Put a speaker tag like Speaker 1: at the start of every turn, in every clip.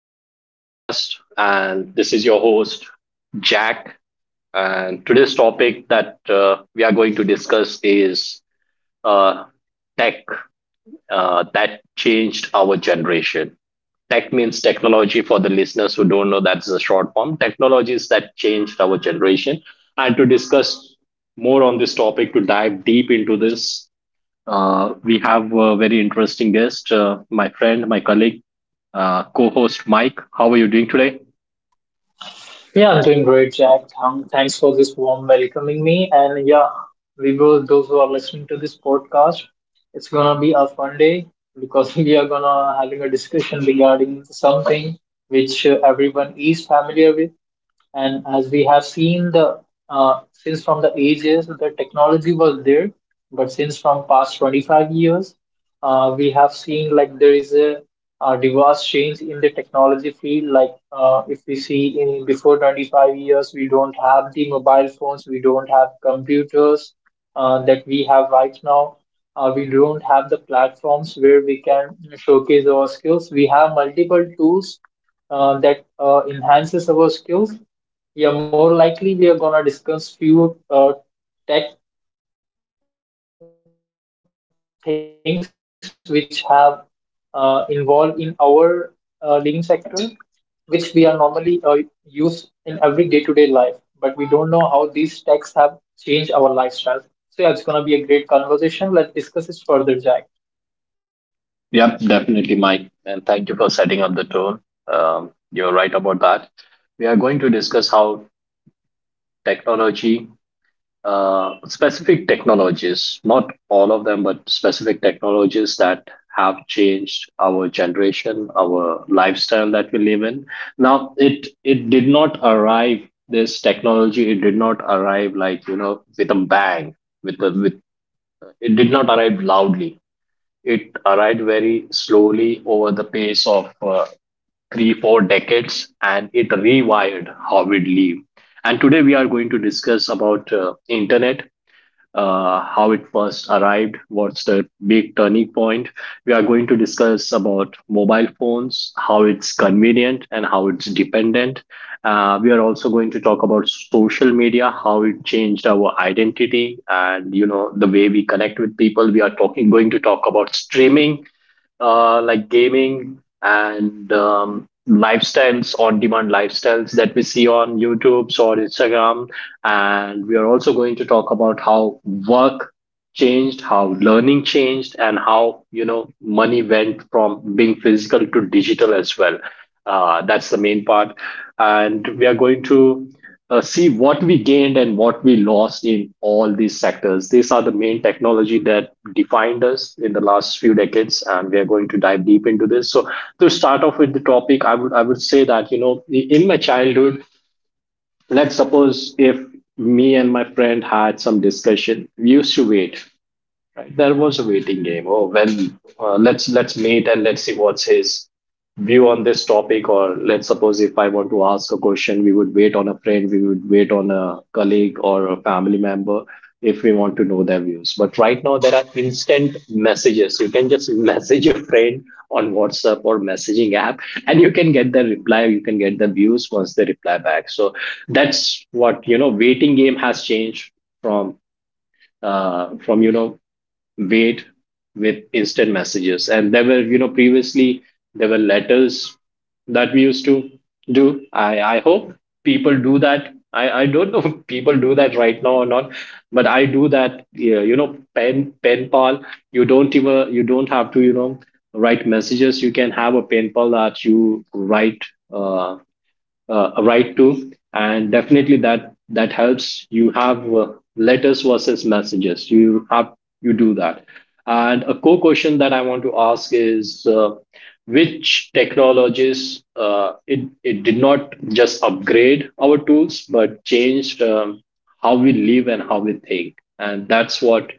Speaker 1: into the podcast. And this is your host, Jack. And today's topic that we are going to discuss is uh, tech that changed our generation. Tech means technology for the listeners who don't know that's the short form. Technologies that changed our generation. And to discuss more on this topic, to dive deep into this, we have a very interesting guest, my friend, my colleague co host Mike. How are you doing today?
Speaker 2: Yeah, I'm doing great, Jack. Thanks for this warm welcoming me. And yeah, we will, those who are listening to this podcast, it's gonna be a fun day because we are gonna having a discussion regarding something which everyone is familiar with. And as we have seen, the since from the ages the technology was there, but since from past 25 years, we have seen like there is a diverse change in the technology field. Like if we see in before 25 years, we don't have the mobile phones, we don't have computers that we have right now. We don't have the platforms where we can showcase our skills. We have multiple tools that enhances our skills, yeah, more likely we are gonna discuss few tech things which have involved in our living sector, which we are normally use in every day-to-day life, but we don't know how these techs have changed our lifestyle. So yeah, it's gonna be a great conversation. Let's discuss it further, Jack.
Speaker 1: Yep, definitely, Mike. And thank you for setting up the tone. You're right about that. We are going to discuss how technology, specific technologies, not all of them, but specific technologies that have changed our generation, our lifestyle that we live in. Now, it did not arrive. This technology, it did not arrive like with a bang. With the with It did not arrive loudly. It arrived very slowly over the pace of three, four decades, and it rewired how we live. And today we are going to discuss about internet, how it first arrived, what's the big turning point. We are going to discuss about mobile phones, how it's convenient and how it's dependent. We are also going to talk about social media, how it changed our identity and the way we connect with people. We are talking going to talk about streaming, like gaming and lifestyles on demand lifestyles that we see on YouTube or Instagram, and we are also going to talk about how work changed, how learning changed, and how, money went from being physical to digital as well. That's the main part. And we are going to see what we gained and what we lost in all these sectors. These are the main technology that defined us in the last few decades, and we are going to dive deep into this. So, to start off with the topic, I would say that in my childhood, let's suppose if me and my friend had some discussion, we used to wait. Right? There was a waiting game. Oh well, let's meet and let's see what's his view on this topic. Or let's suppose if I want to ask a question, we would wait on a friend, we would wait on a colleague or a family member if we want to know their views. But right now there are instant messages. You can just message a friend on WhatsApp or messaging app, and you can get the reply. You can get the views once they reply back. So that's what. Waiting game has changed from from wait with instant messages, and there were previously there were letters that we used to do. I hope people do that. I don't know if people do that right now or not, but I do that. Yeah, pen pal. You don't even you don't have to write messages. You can have a pen pal that you write uh, a right to. And definitely that helps you have letters versus messages you have you do that. And a core question that I want to ask is which technologies it did not just upgrade our tools but changed how we live and how we think. And that's what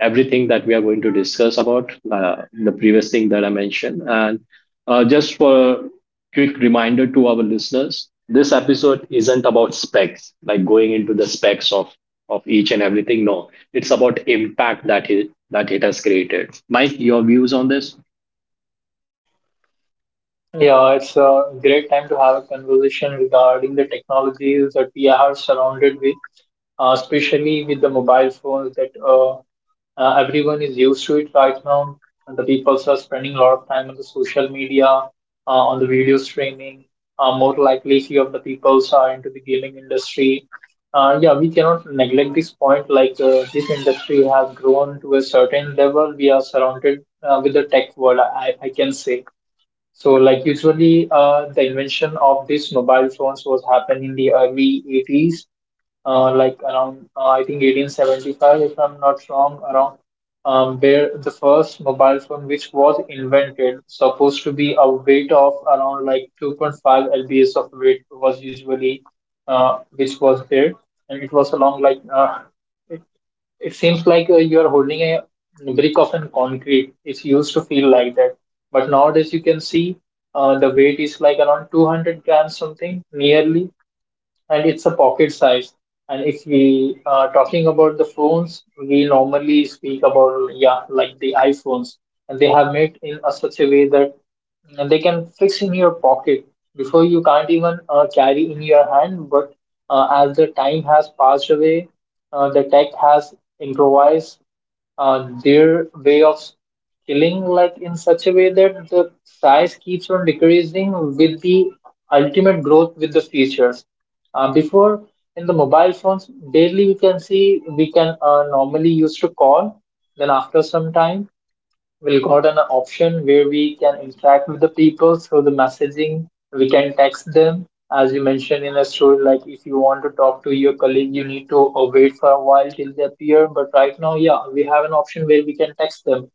Speaker 1: everything that we are going to discuss about the previous thing that I mentioned. And just for quick reminder to our listeners, this episode isn't about specs, like going into the specs of each and everything. No, it's about impact that it has created. Mike, your views on this?
Speaker 2: Yeah, it's a great time to have a conversation regarding the technologies that we are surrounded with, especially with the mobile phones that everyone is used to it right now. And the people are spending a lot of time on the social media, on the video streaming. More likely, few of the people are into the gaming industry. Yeah, we cannot neglect this point. Like this industry has grown to a certain level. We are surrounded with the tech world. I can say so, like usually, the invention of these mobile phones was happened in the early 80s, like around I think 1875, if I'm not wrong, around where the first mobile phone which was invented supposed to be a weight of around like 2.5 lbs of weight was usually which was there, and it was along like it seems like you are holding a brick of an concrete. It used to feel like that, but nowadays you can see the weight is like around 200 grams something, nearly, and it's a pocket size. And if we are talking about the phones, we normally speak about yeah, like the iPhones, and they have made in a such a way that they can fix in your pocket before you can't even carry in your hand. But as the time has passed away, the tech has improvised their way of killing like in such a way that the size keeps on decreasing with the ultimate growth with the features. Before, in the mobile phones, daily we can see we can normally used to call. Then after some time, we'll got an option where we can interact with the people through the messaging. We can text them, as you mentioned in a story. Like if you want to talk to your colleague, you need to wait for a while till they appear. But right now, yeah, we have an option where we can text them.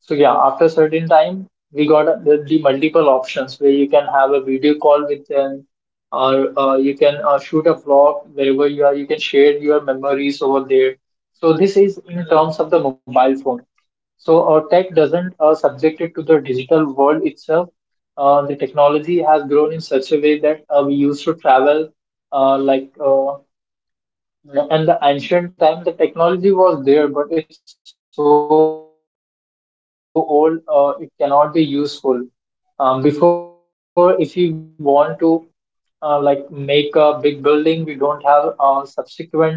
Speaker 2: So yeah, after a certain time, we got the multiple options where you can have a video call with them, or you can shoot a vlog wherever you are. You can share your memories over there. So this is in terms of the mobile phone. So our tech doesn't subject it to the digital world itself. The technology has grown in such a way that we used to travel uh, like uh, yeah. And the ancient time, the technology was there, but it's so old, it cannot be useful. Before, if we want to like make a big building, we don't have subsequent tools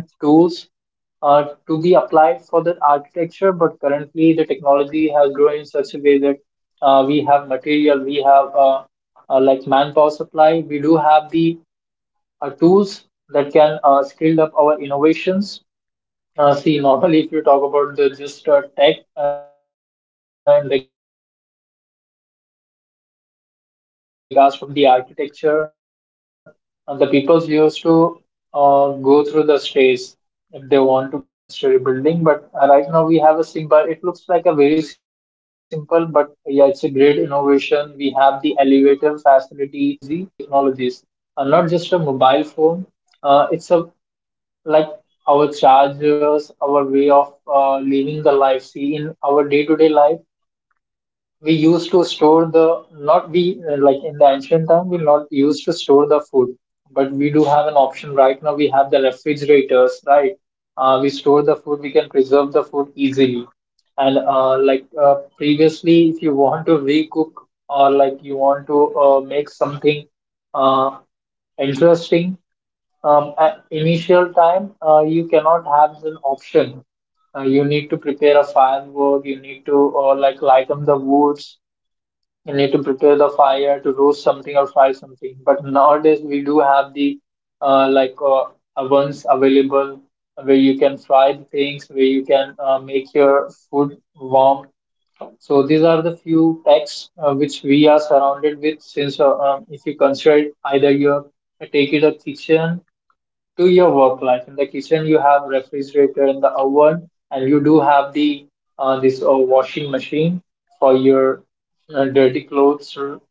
Speaker 2: to be applied for the architecture. But currently, the technology has grown in such a way that we have material, we have like manpower supply, we do have the tools that can scale up our innovations. See, normally, if you talk about the just tech and regards from the architecture, and the people used to go through the stairs if they want to climb over the 10-story building. But right now, we have a simple. It looks like a very simple, but yeah, it's a great innovation. We have the elevator facility. We have the escalator facility. This is also a technology that comes in our mind, and we are always surrounded with the technologies, not just a mobile phone. It's a like our chargers, our way of living the life. See, in our day-to-day life, we used to store the not we like in the ancient time we not used to store the food, but we do have an option right now. We have the refrigerators, right? We store the food. We can preserve the food easily. And previously, if you want to recook or like you want to make something uh, interesting, at initial time, you cannot have an option. You need to prepare a firewood. You need to like lighten the woods. You need to prepare the fire to roast something or fry something. But nowadays we do have the uh, like uh, ovens available where you can fry the things, where you can make your food warm. So these are the few techs which we are surrounded with. Since If you consider either your take it a kitchen to your work life. In the kitchen, you have refrigerator in the oven, and you do have the this washing machine for your dirty clothes to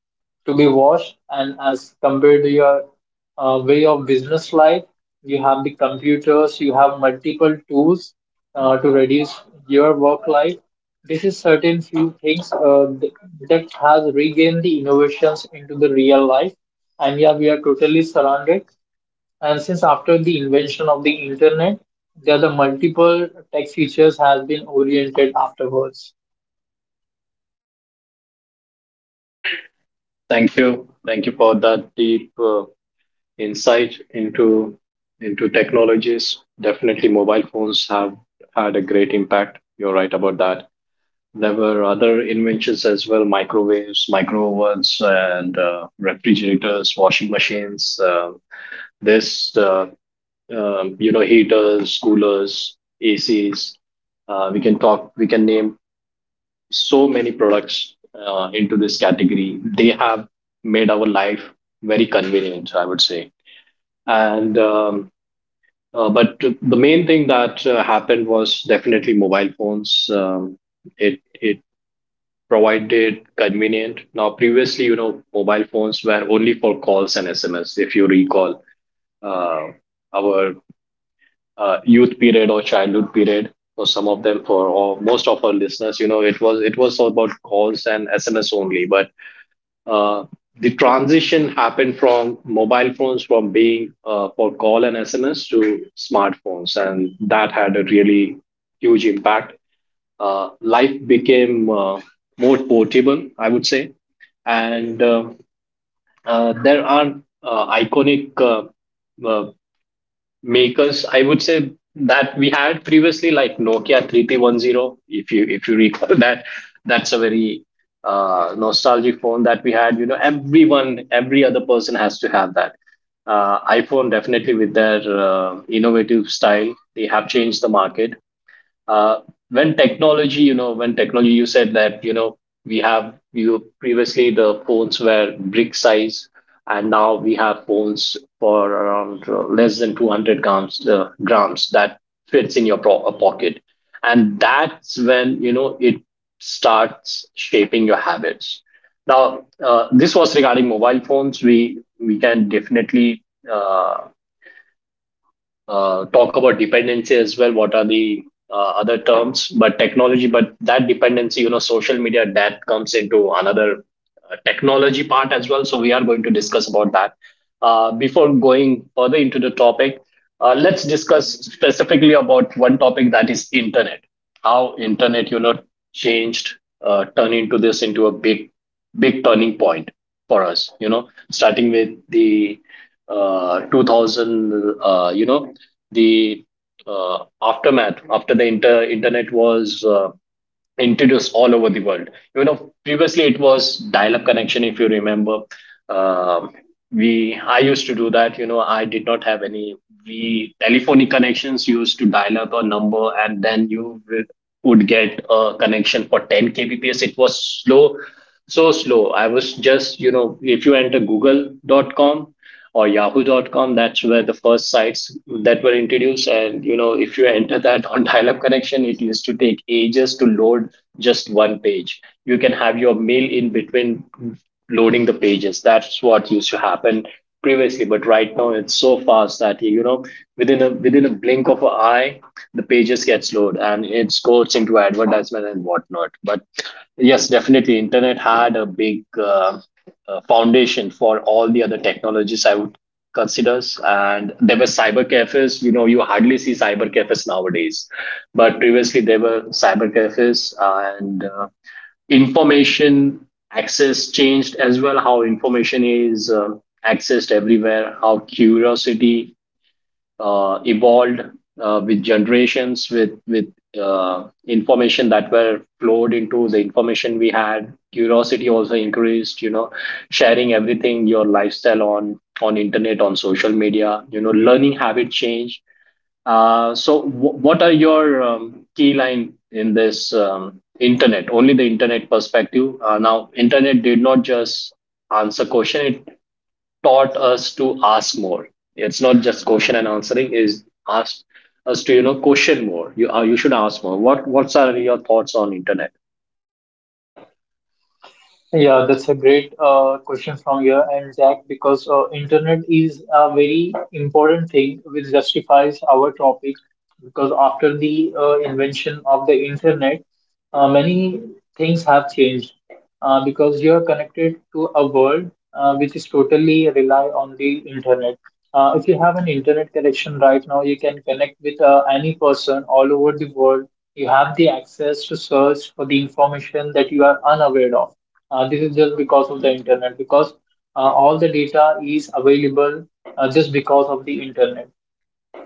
Speaker 2: be washed. And as compared to your way of business life, you have the computers, you have multiple tools to reduce your work life. This is certain few things that has regained the innovations into the real life. And yeah, we are totally surrounded, and since after the invention of the internet, there are the multiple tech features has been oriented afterwards.
Speaker 1: Thank you. Thank you for that deep insight into technologies. Definitely, mobile phones have had a great impact. You're right about that. There were other inventions as well: microwaves, micro ovens, and refrigerators, washing machines, this heaters, coolers, ACs. We can talk, we can name so many products into this category. They have made our life very convenient, I would say. And but the main thing that happened was definitely mobile phones. Um, it it provided convenient. Now previously mobile phones were only for calls and SMS. If you recall uh, our youth period or childhood period for some of them for or most of our listeners, it was all about calls and SMS only. But uh, the transition happened from mobile phones, from being for call and SMS to smartphones, and that had a really huge impact. Life became more portable, I would say. And there are iconic uh, makers, I would say, that we had previously, like Nokia 3310. If you if you recall that that's a very nostalgic phone that we had. Everyone, every other person has to have that. iPhone, definitely, with their innovative style, they have changed the market. Uh, when technology you know when technology, you said that we have you previously the phones were brick size, and now we have phones for around less than 200 grams, grams that fits in your pocket. And that's when it starts shaping your habits. Now this was regarding mobile phones. We can definitely uh, talk about dependency as well. What are the uh, other terms? But technology, but that dependency, social media, that comes into another technology part as well. So we are going to discuss about that. Before going further into the topic, let's discuss specifically about one topic that is internet. How internet, changed, turn into this into a big, big turning point for us. You know, starting with the 2000 the aftermath after the internet was introduced all over the world. You know, previously it was dial-up connection. If you remember, Um we I used to do that. You know, I did not have any. We telephonic connections used to dial up a number, and then you would get a connection for 10 kbps. It was slow, so slow. I was just, you know, if you enter Google.com or Yahoo.com, that's where the first sites that were introduced. And you know, if you enter that on dial-up connection, it used to take ages to load just one page. You can have your mail in between loading the pages. That's what used to happen previously. But right now it's so fast that within a within a blink of an eye the pages gets loaded and it goes into advertisement and whatnot. But yes, definitely internet had a big foundation for all the other technologies, I would consider. And there were cyber cafes. You know, you hardly see cyber cafes nowadays, but previously there were cyber cafes. And information access changed as well. How information is accessed everywhere. How curiosity evolved with generations, with information that were flowed into the information we had. Curiosity also increased. You know, sharing everything, your lifestyle on internet, on social media. You know, learning habit change. So, what are your key line in this internet? Only the internet perspective. Now, internet did not just answer question; it taught us to ask more. It's not just question and answering. Is ask us to, you know, question more. You should ask more. What what's are your thoughts on internet?
Speaker 2: Yeah, that's a great question from you and Jack because internet is a very important thing which justifies our topic because after the invention of the internet, many things have changed because you are connected to a world which is totally rely on the internet. If you have an internet connection right now, you can connect with any person all over the world. You have the access to search for the information that you are unaware of. This is just because of the internet, because all the data is available just because of the internet.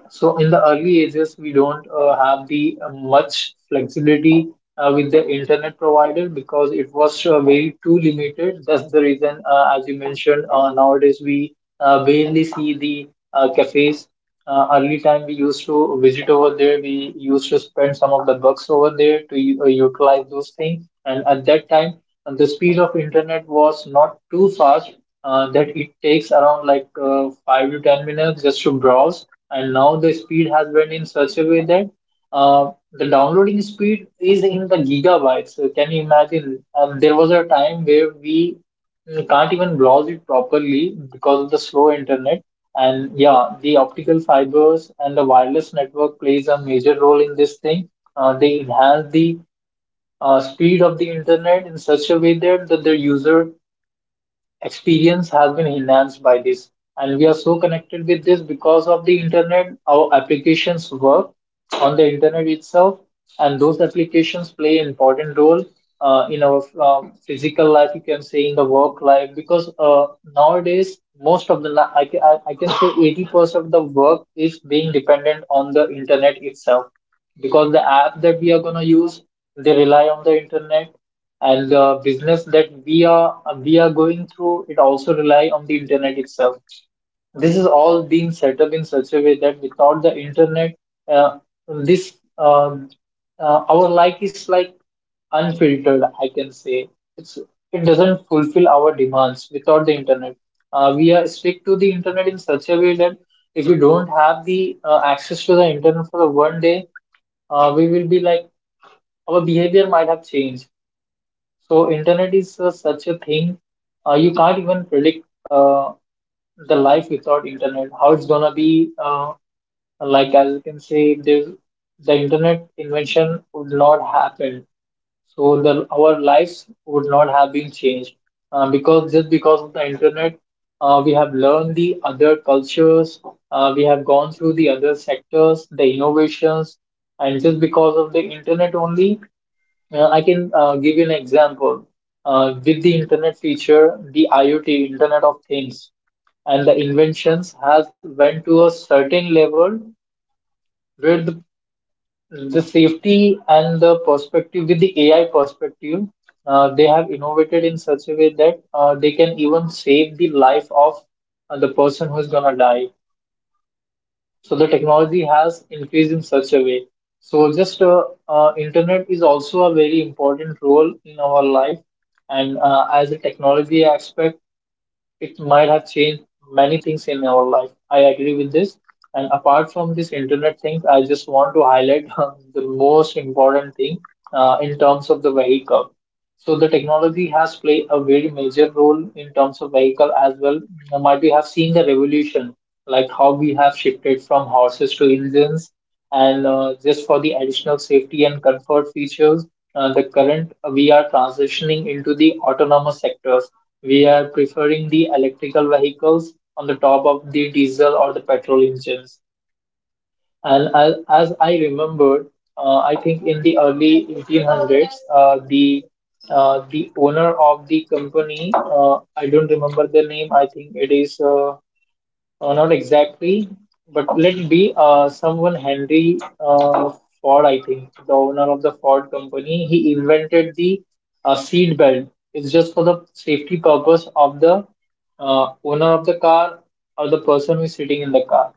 Speaker 2: So in the early ages, we don't have the much flexibility with the internet provider because it was very too limited. That's the reason, as you mentioned, nowadays we barely see the cafes. Early time we used to visit over there. We used to spend some of the bucks over there to utilize those things. And at that time, and the speed of internet was not too fast that it takes around like 5 to 10 minutes just to browse, and now the speed has been in such a way that the downloading speed is in the gigabytes. So can you imagine there was a time where we can't even browse it properly because of the slow internet. And yeah, the optical fibers and the wireless network plays a major role in this thing. They enhance the speed of the internet in such a way that the user experience has been enhanced by this. And we are so connected with this because of the internet. Our applications work on the internet itself, and those applications play an important role in our physical life, you can say, in the work life, because nowadays, most of the, li- I, ca- I can say 80% of the work is being dependent on the internet itself, because the app that we are going to use, they rely on the internet, and the business that we are going through it also rely on the internet itself. This is all being set up in such a way that without the internet, uh, this um, our life is like unfiltered, I can say. It's it doesn't fulfill our demands without the internet. We are strict to the internet in such a way that if we don't have the access to the internet for the one day, we will be like our behavior might have changed. So internet is such a thing, you can't even predict the life without internet how it's gonna be. Like as you can say, the internet invention would not happen, so the our lives would not have been changed. Because just because of the internet, we have learned the other cultures, we have gone through the other sectors, the innovations, and just because of the internet only, I can give you an example. With the internet feature, the IoT, Internet of Things, and the inventions has went to a certain level where the safety and the perspective with the AI perspective, they have innovated in such a way that they can even save the life of the person who's gonna die. So the technology has increased in such a way. So just internet is also a very important role in our life, and as a technology aspect, it might have changed many things in our life. I agree with this. And apart from this internet thing, I just want to highlight the most important thing in terms of the vehicle. So the technology has played a very major role in terms of vehicle as well. You might we have seen the revolution, like how we have shifted from horses to engines, and just for the additional safety and comfort features, the current we are transitioning into the autonomous sectors. We are preferring the electrical vehicles on the top of the diesel or the petrol engines. And as I remembered, I think in the early 1800s, uh, the the owner of the company, I don't remember the name. I think it is not exactly, but let it be someone Henry Ford, I think, the owner of the Ford company. He invented the seat belt. It's just for the safety purpose of the owner of the car or the person who is sitting in the car.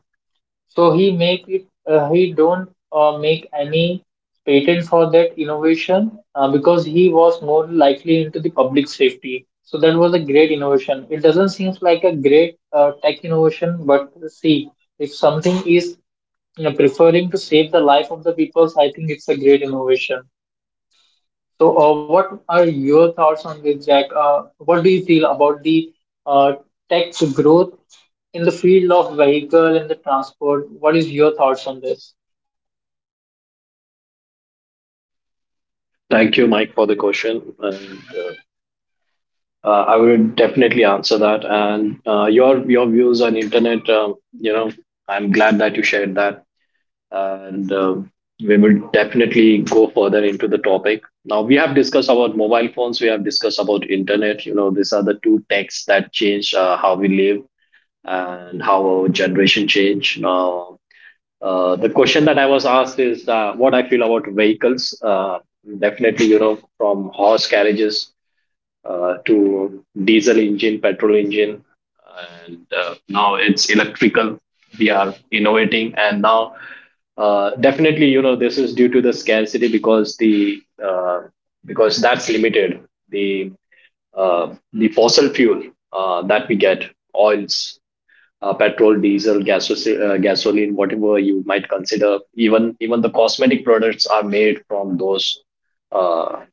Speaker 2: So he make it he don't make any patent for that innovation because he was more likely into the public safety. So that was a great innovation. It doesn't seem like a great tech innovation, but see, if something is, you know, preferring to save the life of the people, I think it's a great innovation. So, what are your thoughts on this, Jack? What do you feel about the uh, tech growth in the field of vehicle and the transport? What is your thoughts on this?
Speaker 1: Thank you, Mike, for the question. And I would definitely answer that. And your views on internet, you know, I'm glad that you shared that, and we will definitely go further into the topic. Now we have discussed about mobile phones, we have discussed about internet. You know, these are the two techs that change how we live and how our generation change. Now, the question that I was asked is what I feel about vehicles. Definitely, you know, from horse carriages to diesel engine, petrol engine, and now it's electrical. We are innovating, and now definitely, you know, this is due to the scarcity because the because that's limited. The the fossil fuel that we get, oils, petrol, diesel, gasoline, whatever you might consider. Even even the cosmetic products are made from uh,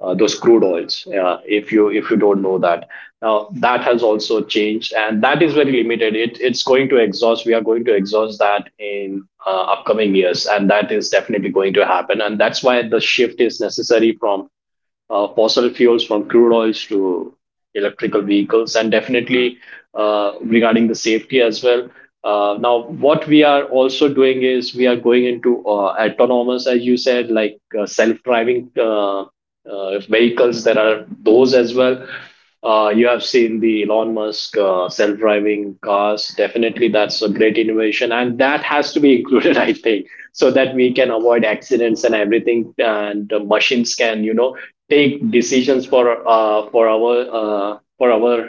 Speaker 1: those crude oils. If you don't know that. Now, that has also changed, and that is very limited. It's going to exhaust. We are going to exhaust that in upcoming years, and that is definitely going to happen. And that's why the shift is necessary from fossil fuels, from crude oils to electrical vehicles. And definitely, regarding the safety as well, now what we are also doing is we are going into autonomous, as you said, like self-driving vehicles. There are those as well. Uh, you have seen the Elon Musk self-driving cars. Definitely, that's a great innovation, and that has to be included. I think, so that we can avoid accidents and everything, and the machines can, you know, take decisions for our uh, for our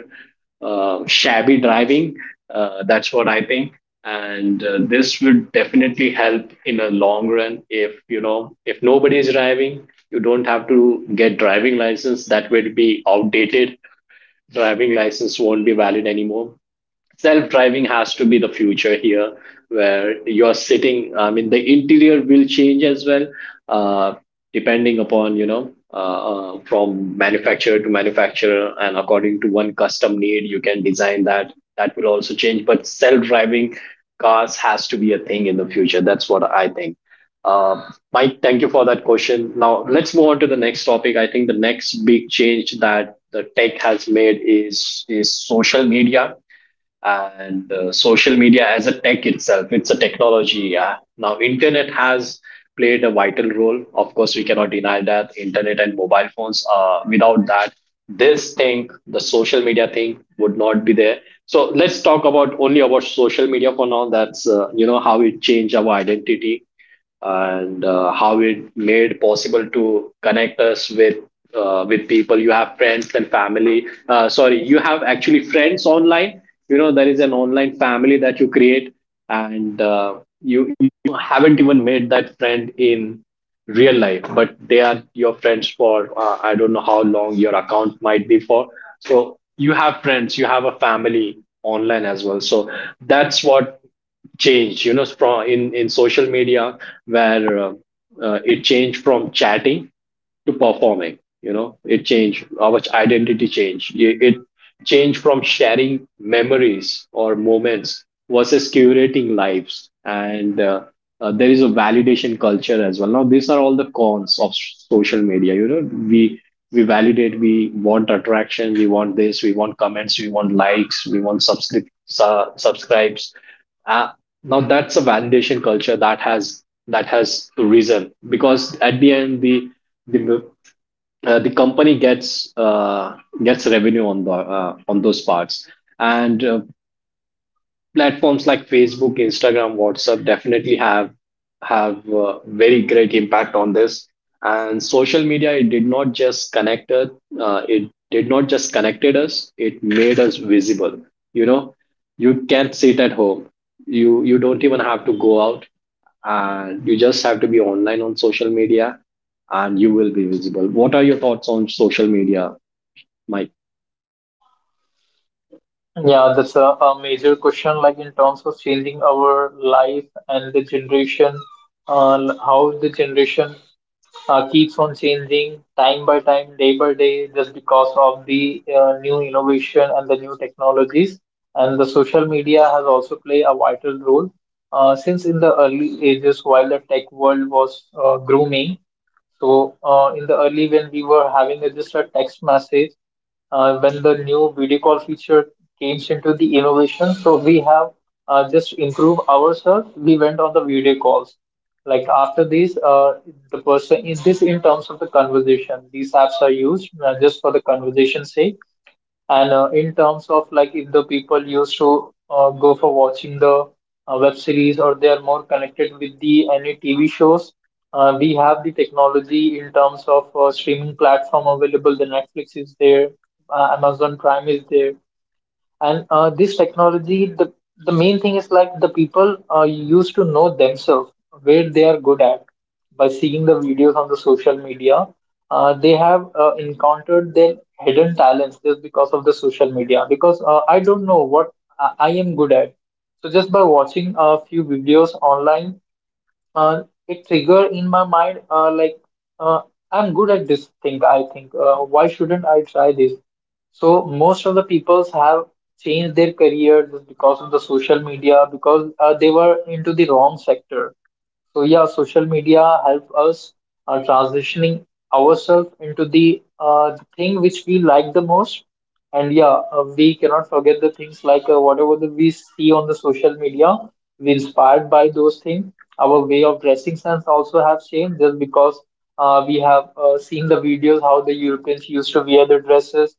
Speaker 1: shabby driving. Uh, that's what I think. And this would definitely help in a long run. If you know, if nobody is driving, you don't have to get driving license. That will be outdated. Driving license won't be valid anymore. Self driving has to be the future here, where you're sitting. I mean, the interior will change as well, uh, depending upon, you know, from manufacturer to manufacturer, and according to one custom need you can design that. That will also change. But self driving cars has to be a thing in the future. That's what I think. uh, Mike, thank you for that question. Now let's move on to the next topic. I think the next big change that the tech has made is social media. And social media as a tech itself, it's a technology, yeah. Now internet has played a vital role, of course. We cannot deny that. Internet and mobile phones, without that, this thing, the social media thing, would not be there. So let's talk about only about social media for now. That's you know, how it changed our identity, and how it made possible to connect us with people. You have friends and family. Uh, sorry, you have actually friends online. You know, there is an online family that you create. And you haven't even made that friend in real life, but they are your friends for I don't know how long your account might be for. So you have friends, you have a family online as well. So that's what change, you know, from in social media, where it changed from chatting to performing. You know, it changed our identity, changed It changed from sharing memories or moments versus curating lives. And there is a validation culture as well. Now these are all the cons of social media, you know. We we validate, we want attraction, we want this, we want comments, we want likes, we want subscribes. Uh, now that's a validation culture that has risen, because at the end the the company gets gets revenue on the on those parts. And platforms like Facebook, Instagram, WhatsApp definitely have very great impact on this. And social media, it did not just connect us. Uh, it did not just connected us, it made us visible, you know. You can sit at home, you don't even have to go out, and you just have to be online on social media, and you will be visible. What are your thoughts on social media, Mike?
Speaker 2: Yeah, that's a major question, like in terms of changing our life and the generation, how the generation keeps on changing time by time, day by day, just because of the new innovation and the new technologies. And the social media has also played a vital role. Since in the early ages, while the tech world was grooming, so in the early when we were having a, just a text message, when the new video call feature came into the innovation, so we have just improved ourselves. We went on the video calls. Like after this, the person is this in terms of the conversation. These apps are used just for the conversation sake, and in terms of like if the people used to go for watching the web series, or they are more connected with the any TV shows, we have the technology in terms of streaming platform available. The Netflix is there, Amazon Prime is there. And this technology, the main thing is like the people used to know themselves where they are good at by seeing the videos on the social media. They have encountered their hidden talents just because of the social media. Because I don't know what I am good at. So just by watching a few videos online, uh, it trigger in my mind, like, uh, I'm good at this thing. I think why shouldn't I try this? So most of the peoples have changed their career just because of the social media, because they were into the wrong sector. So yeah, social media help us transitioning ourselves into the thing which we like the most. And yeah, we cannot forget the things like, whatever that we see on the social media, we inspired by those things. Our way of dressing sense also have changed, just because we have seen the videos how the Europeans used to wear their dresses,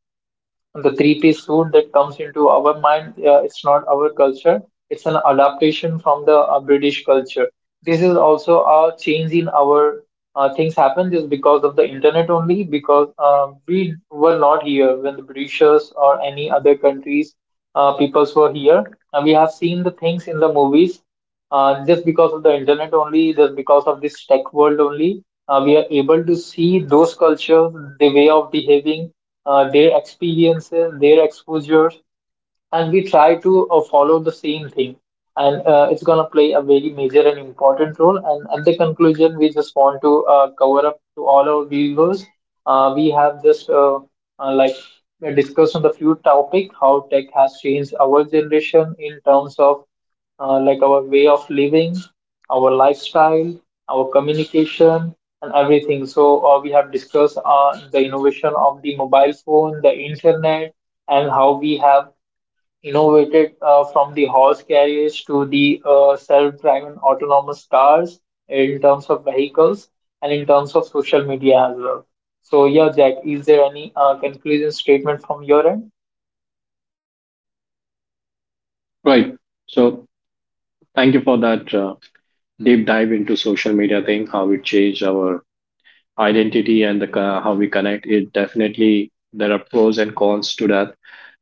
Speaker 2: the three-piece suit that comes into our mind. It's not our culture. It's an adaptation from the British culture. This is also a change in our things happen just because of the internet only, because we were not here when the Britishers or any other countries peoples were here. And we have seen the things in the movies just because of the internet only, just because of this tech world only. We are able to see those cultures, the way of behaving, their experiences, their exposures, and we try to follow the same thing, and it's going to play a very major and important role. And at the conclusion, we just want to cover up to all our viewers. We have just like discussed on the few topic how tech has changed our generation in terms of, like, our way of living, our lifestyle, our communication, and everything. So we have discussed the innovation of the mobile phone, the internet, and how we have innovated from the horse carriage to the self-driving autonomous cars in terms of vehicles and in terms of social media as well. So yeah, Jack, is there any conclusion statement from your end?
Speaker 1: Right. So thank you for that deep dive into social media thing, how it changed our identity and the how we connect it. Definitely there are pros and cons to that.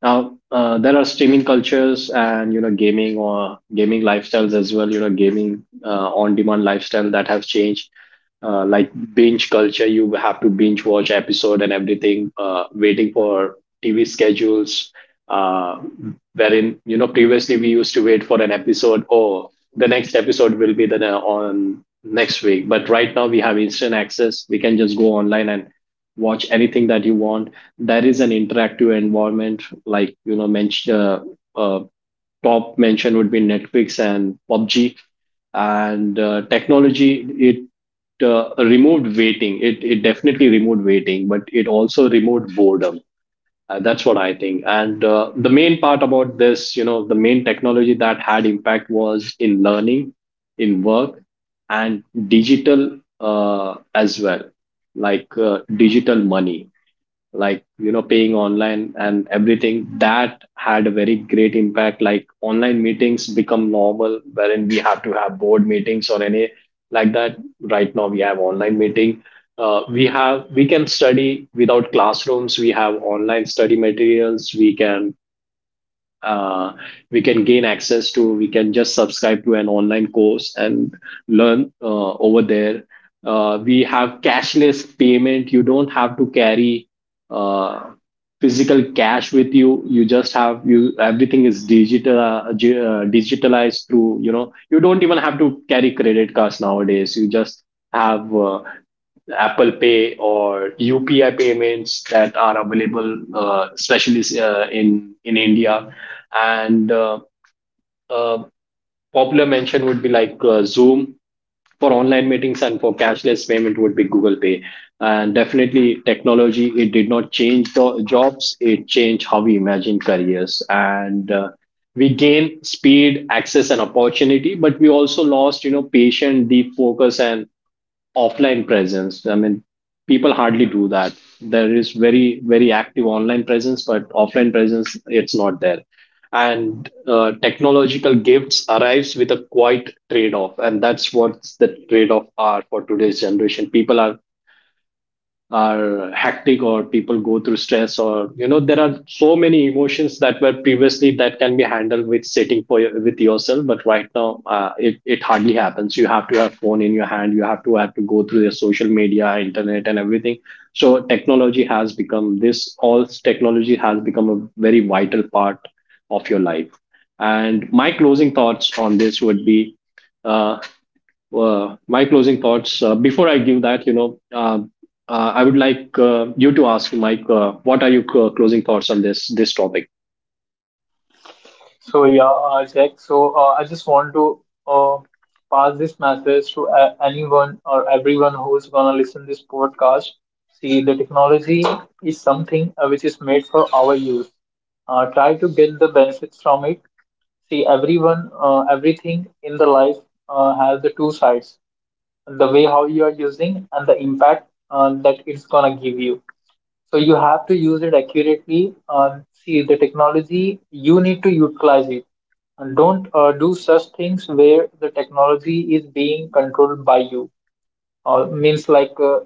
Speaker 1: Now there are streaming cultures, and you know, gaming or gaming lifestyles as well, you know, gaming on demand lifestyle that have changed, like binge culture. You have to binge watch episode and everything, waiting for TV schedules, uh, wherein, you know, previously we used to wait for an episode, or the next episode will be the on next week. But right now we have instant access. We can just go online and watch anything that you want. That is an interactive environment. Like, you know, mention uh, top mention would be Netflix and PUBG. And technology, it removed waiting. It definitely removed waiting, but it also removed boredom. That's what I think. And the main part about this, you know, the main technology that had impact was in learning, in work, and digital as well, like digital money, like, you know, paying online and everything. That had a very great impact. Like online meetings become normal, wherein we have to have board meetings or any like that. Right now we have online meeting. We have we can study without classrooms. We have online study materials. We can uh, we can gain access to, we can just subscribe to an online course and learn over there. Uh, we have cashless payment. You don't have to carry uh, physical cash with you. You just have, you, everything is digital, digitalized through, you know, you don't even have to carry credit cards nowadays. You just have Apple Pay or UPI payments that are available, especially in India. And uh, popular mention would be like Zoom for online meetings, and for cashless payment would be Google Pay. And definitely, technology, it did not change the jobs; it changed how we imagine careers. And we gain speed, access, and opportunity, but we also lost, you know, patient, deep focus, and offline presence. I mean, people hardly do that. There is very, very active online presence, but offline presence, it's not there. And technological gifts arrives with a quite trade-off, and that's what the trade-off are for today's generation. People are hectic, or people go through stress, or you know, there are so many emotions that were previously that can be handled with sitting for with yourself. But right now it hardly happens. You have to have phone in your hand. You have to go through the social media, internet, and everything. So technology has become this, all technology has become a very vital part of your life. And my closing thoughts on this would be uh, my closing thoughts. Before I give that, you know, I would like you to ask Mike, what are your closing thoughts on this topic?
Speaker 2: So yeah, Jack. So I just want to uh, pass this message to anyone or everyone who's gonna listen this podcast. See, the technology is something which is made for our use. Try to get the benefits from it. See, everyone, everything in the life has the two sides: the way how you are using and the impact that it's gonna give you. So you have to use it accurately. See, the technology, you need to utilize it. And don't do such things where the technology is being controlled by you. Means like,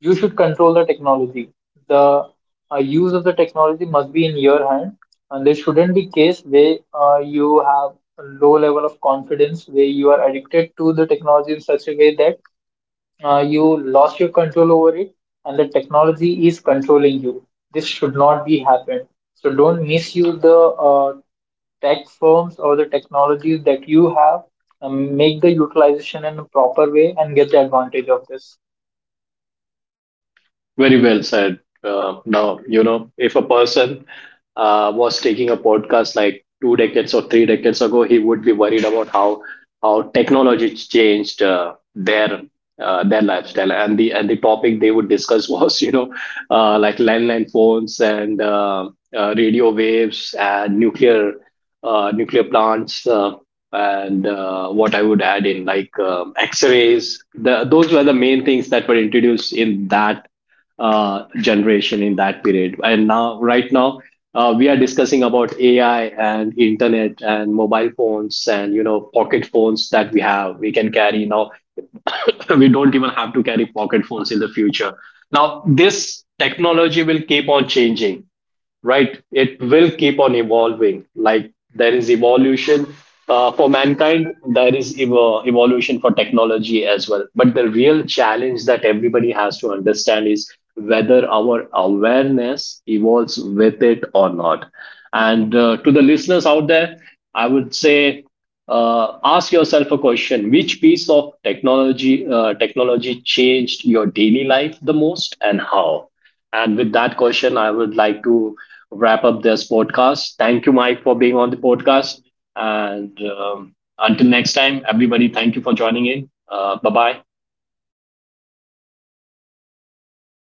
Speaker 2: you should control the technology. The use of the technology must be in your hand, and there shouldn't be case where you have a low level of confidence, where you are addicted to the technology in such a way that you lost your control over it, and the technology is controlling you. This should not be happen. So don't misuse the uh, tech firms or the technologies that you have. Make the utilization in a proper way and get the advantage of this.
Speaker 1: Very well said. Now, you know, if a person was taking a podcast like two decades or three decades ago, he would be worried about how technology changed their lifestyle, and the topic they would discuss was, you know, like landline phones, and radio waves, and nuclear nuclear plants, and what I would add in like X rays. Those were the main things that were introduced in that generation, in that period. And now, right now, we are discussing about AI and internet and mobile phones, and you know, pocket phones that we have. We can carry now. We don't even have to carry pocket phones in the future. Now, this technology will keep on changing, right? It will keep on evolving. Like there is evolution for mankind, there is evolution for technology as well. But the real challenge that everybody has to understand is whether our awareness evolves with it or not. And to the listeners out there, I would say ask yourself a question: which piece of technology technology changed your daily life the most, and how? And with that question, I would like to wrap up this podcast. Thank you, Mike, for being on the podcast. And until next time, everybody, thank you for joining in. Bye bye.